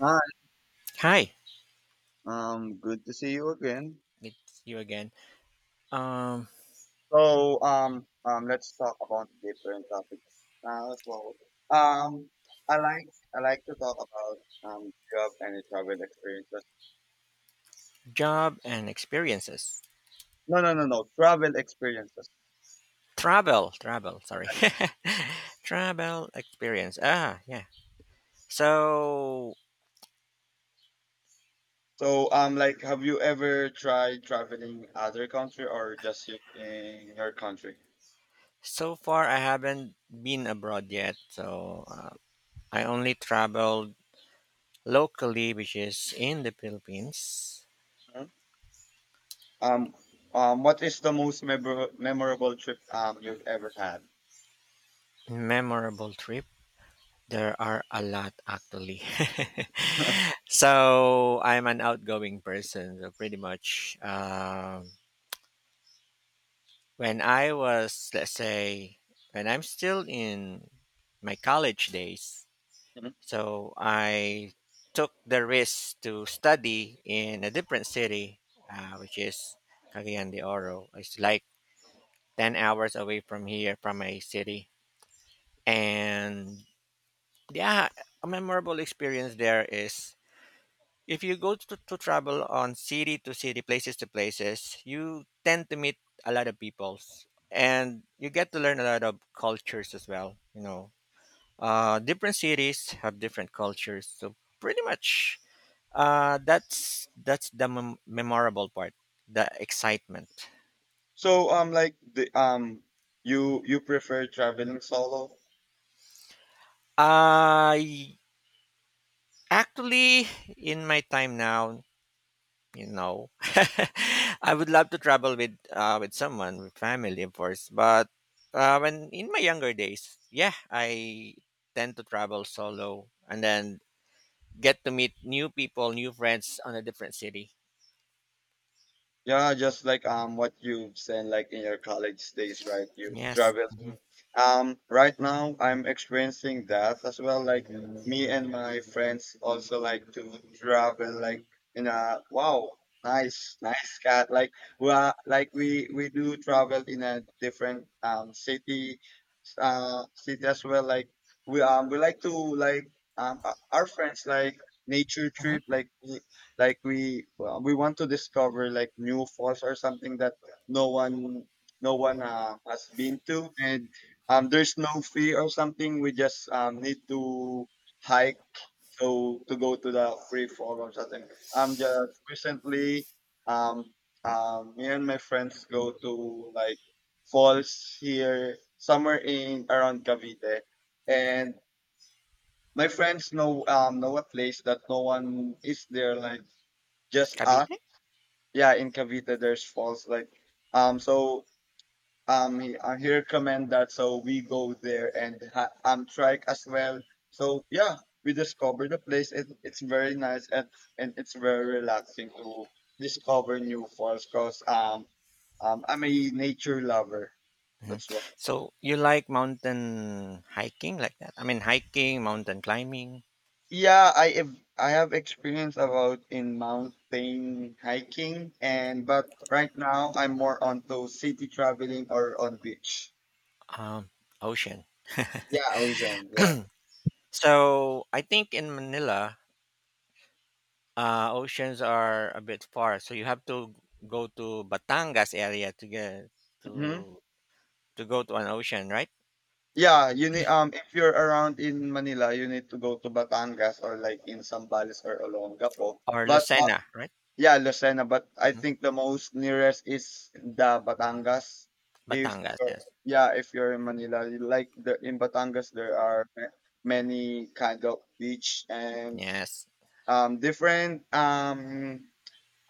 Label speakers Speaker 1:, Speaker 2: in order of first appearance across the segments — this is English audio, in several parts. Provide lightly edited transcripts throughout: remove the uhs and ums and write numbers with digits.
Speaker 1: Hi,
Speaker 2: Hi,
Speaker 1: good to see you again.
Speaker 2: it's you again. Um,
Speaker 1: Let's talk about different topics now as well. Um, I like I like to talk about job and travel experiences.
Speaker 2: job and experiences.
Speaker 1: No, no, no, no, travel experiences.
Speaker 2: Travel, travel. Sorry, travel experience. Ah, yeah. So
Speaker 1: Like, have you ever tried traveling other country or just you in your country?
Speaker 2: so far, I haven't been abroad yet. So I only traveled locally, which is in the Philippines.
Speaker 1: Hmm? Um, what is the most memorable trip you've ever had?
Speaker 2: Memorable trip. There are a lot actually. So I'm an outgoing person. So pretty much. When I was, let's say, when I'm still in my college days, so I took the risk to study in a different city, which is Cagayan de Oro. It's like 10 hours away from here, from my city. And yeah, a memorable experience there is, if you go to travel on city to city, places to places, you tend to meet a lot of peoples, and you get to learn a lot of cultures as well. Different cities have different cultures. So pretty much, that's the memorable part, the excitement.
Speaker 1: So like the you prefer traveling solo?
Speaker 2: I, actually, in my time now, you know, I would love to travel with someone, with family of course, but when in my younger days, yeah, I tend to travel solo and then get to meet new people, new friends on a different city.
Speaker 1: Yeah, just like what you said like in your college days, right? You
Speaker 2: Yes.
Speaker 1: travel.
Speaker 2: Hmm.
Speaker 1: Right now I'm experiencing that as well. Like me and my friends also like to travel like in a wow, nice, nice cat. Like we are, like we do travel in a different city city as well like we like to like our friends like nature trip
Speaker 2: Hmm.
Speaker 1: we want to discover like new falls or something that no one no one has been to and there's no fee or something we just need to hike so to go to the free forums. I think I'm just recently um me and my friends go to like falls here somewhere in around Cavite, and my friends know a place that no one is there like just us.
Speaker 2: Cavite.
Speaker 1: Yeah, in Cavite there's falls like um so I hear Comment that so we go there and trike as well. So yeah, we discover the place. It's very nice and it's very relaxing to discover new falls because I'm a nature lover.
Speaker 2: Hmm.
Speaker 1: That's what.
Speaker 2: So you like mountain hiking, like that? I mean hiking, mountain climbing.
Speaker 1: Yeah, I have experience about in mountain hiking, and but right now I'm more onto city traveling or on beach.
Speaker 2: um ocean.
Speaker 1: Yeah, ocean. Yeah.
Speaker 2: So I think in Manila, oceans are a bit far, so you have to go to Batangas area to get
Speaker 1: Mhm.
Speaker 2: to to go to an ocean, right?
Speaker 1: Yeah, you need if you're around in Manila, you need to go to Batangas or like in Zambales or Olongapo.
Speaker 2: Or
Speaker 1: But
Speaker 2: Lucena, right?
Speaker 1: yeah, Lucena, but I
Speaker 2: Hmm.
Speaker 1: think the most nearest is the Batangas. If
Speaker 2: Batangas,
Speaker 1: you're-
Speaker 2: yes,
Speaker 1: yeah, if you're in Manila, you like the in Batangas there are many kind of beach and
Speaker 2: yes.
Speaker 1: different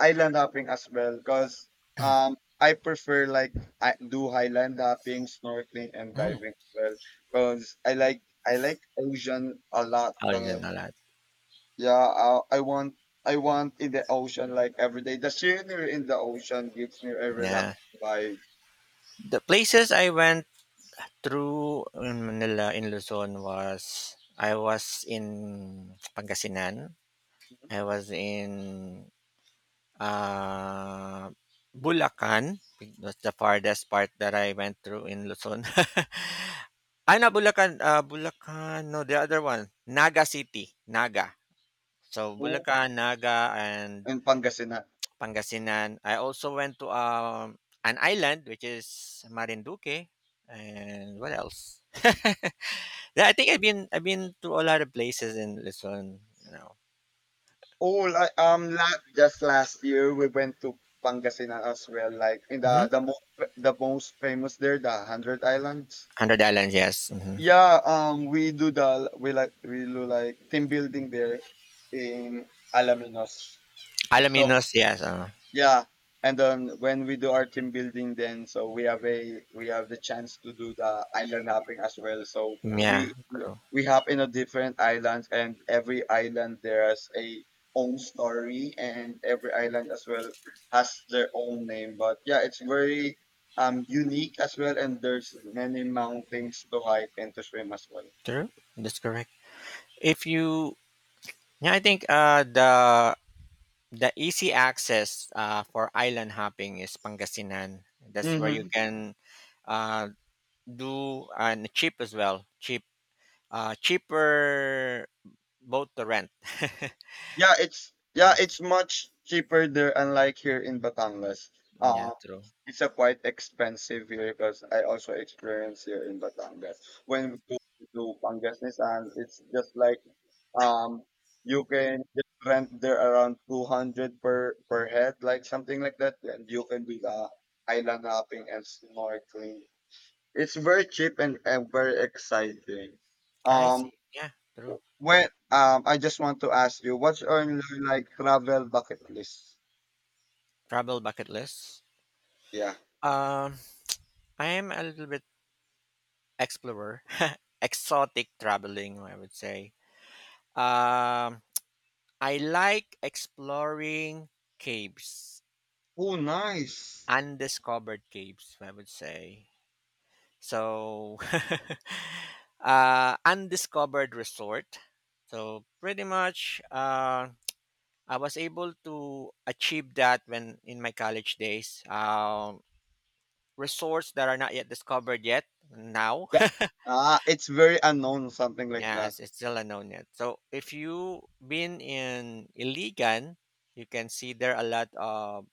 Speaker 1: island hopping as well because I prefer like I do highland hopping, snorkeling, and
Speaker 2: Mm.
Speaker 1: diving as well because I like ocean a lot. 'Cause,
Speaker 2: Ocean a lot.
Speaker 1: yeah, I want in the ocean like every day. The scenery in the ocean gives me a relaxed
Speaker 2: Yeah,
Speaker 1: vibe.
Speaker 2: the places I went through in Manila, in Luzon, was I was in Pangasinan, I was in uh, Bulacan. That's the farthest part that I went through in Luzon. I not Bulacan, ah, Bulacan, no, the other one, Naga City, Naga. So
Speaker 1: Oh,
Speaker 2: Bulacan, Naga, and
Speaker 1: in Pangasinan.
Speaker 2: Pangasinan. I also went to an island, which is Marinduque, and what else? Yeah, I think I've been to a lot of places in Luzon, you know.
Speaker 1: Oh, like just last year we went to Pangasinan as well. Like in
Speaker 2: Hmm.
Speaker 1: the most famous there, the Hundred Islands.
Speaker 2: Hundred Islands, yes. Hmm.
Speaker 1: Yeah, we do the we like we do like team building there in Alaminos. So
Speaker 2: Alaminos, yes.
Speaker 1: yeah, and then when we do our team building, then so we have the chance to do the island hopping as well. So
Speaker 2: Yeah,
Speaker 1: we
Speaker 2: true,
Speaker 1: we hop in a different islands, and every island there has a own story, and every island as well has their own name. But yeah, it's very unique as well, and there's many mountains to hike and to swim as well.
Speaker 2: true. That's correct. If you, yeah, I think the easy access, for island hopping is Pangasinan. That's where you
Speaker 1: Mm-hmm.
Speaker 2: can uh, do, and cheap as well. Cheap, cheaper boat to rent.
Speaker 1: Yeah,
Speaker 2: Mhm.
Speaker 1: it's much cheaper there, unlike here in Batangas.
Speaker 2: Yeah,
Speaker 1: Uh,
Speaker 2: true.
Speaker 1: it's a quite expensive here because I also experience here in Batangas. When we go to Pangasinan, it's just like um you can just rent there around 200 per head, like something like that, and you can do the island hopping and snorkeling. It's very cheap and very exciting.
Speaker 2: I
Speaker 1: Um,
Speaker 2: see. Yeah, true.
Speaker 1: Well, I just want to ask you, what's on your like travel bucket list?
Speaker 2: Travel bucket list.
Speaker 1: Yeah.
Speaker 2: Um, I am a little bit explorer, exotic traveling, I would say. Um, I like exploring caves,
Speaker 1: Oh, nice.
Speaker 2: undiscovered caves, I would say. So, undiscovered resort. So pretty much, I was able to achieve that when in my college days. Resorts that are not yet discovered yet now.
Speaker 1: That, ah, it's very unknown, something like
Speaker 2: Yeah,
Speaker 1: that.
Speaker 2: as it's still unknown yet. So if you been in Iligan, you can see there a lot of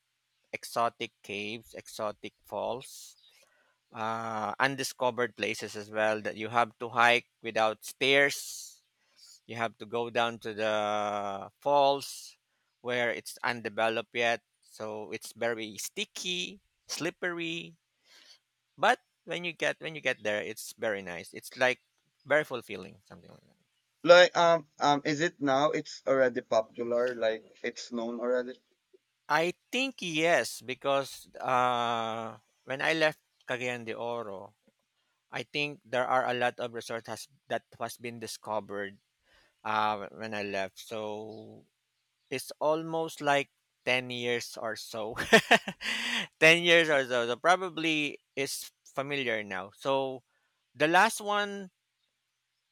Speaker 2: exotic caves, exotic falls, undiscovered places as well, that you have to hike without stairs. You have to go down to the falls where it's undeveloped yet, so it's very sticky, slippery. But when you get there, it's very nice. It's like very fulfilling, something like that.
Speaker 1: Like, is it now? It's already popular. Like, it's known already.
Speaker 2: I think yes, because when I left Cagayan de Oro, I think there are a lot of that has been discovered when I left. So it's almost like 10 years or so. 10 years or so. So probably it's familiar now. So the last one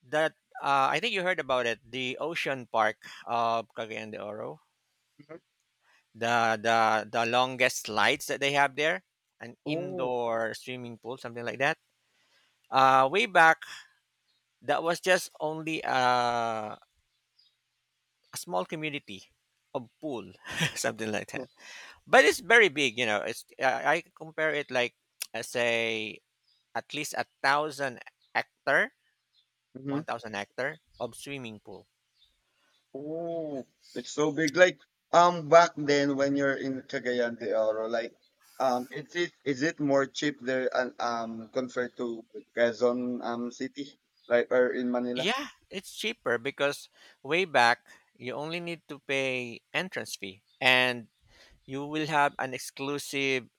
Speaker 2: that, I think you heard about it, the Ocean Park of Cagayan de Oro.
Speaker 1: Mhm.
Speaker 2: The the the longest slides that they have there, an
Speaker 1: Oh.
Speaker 2: indoor swimming pool, something like that. Way back, that was just only a small community of pool, something like that. But it's very big, you know. It's I compare it like, I say, at least 1,000 hectare,
Speaker 1: Mm-hmm.
Speaker 2: 1,000 hectare of swimming pool.
Speaker 1: Oh, it's so big. Like, back then when you're in Cagayan de Oro, like, is it more cheap there, and compared to Quezon city, like, or in Manila?
Speaker 2: Yeah, it's cheaper because way back you only need to pay entrance fee, and you will have an exclusive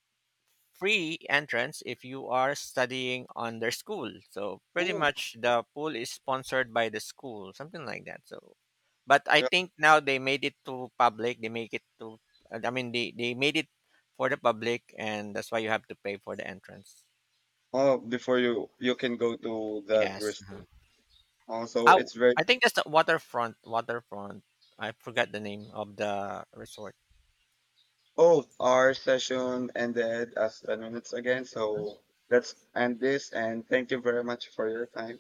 Speaker 2: free entrance if you are studying on their school. So pretty
Speaker 1: Oh.
Speaker 2: much the pool is sponsored by the school, something like that. So, but I
Speaker 1: Yeah.
Speaker 2: think now they made it to public. They make it to, I mean, they made it for the public, and that's why you have to pay for the entrance.
Speaker 1: Oh, before you can go to that
Speaker 2: Yes.
Speaker 1: rest. Also,
Speaker 2: Oh,
Speaker 1: it's very
Speaker 2: I think that's the waterfront. Waterfront. I forgot the name of the resort.
Speaker 1: oh our session ended as 10 minutes again. So let's end this, and thank you very much for your time.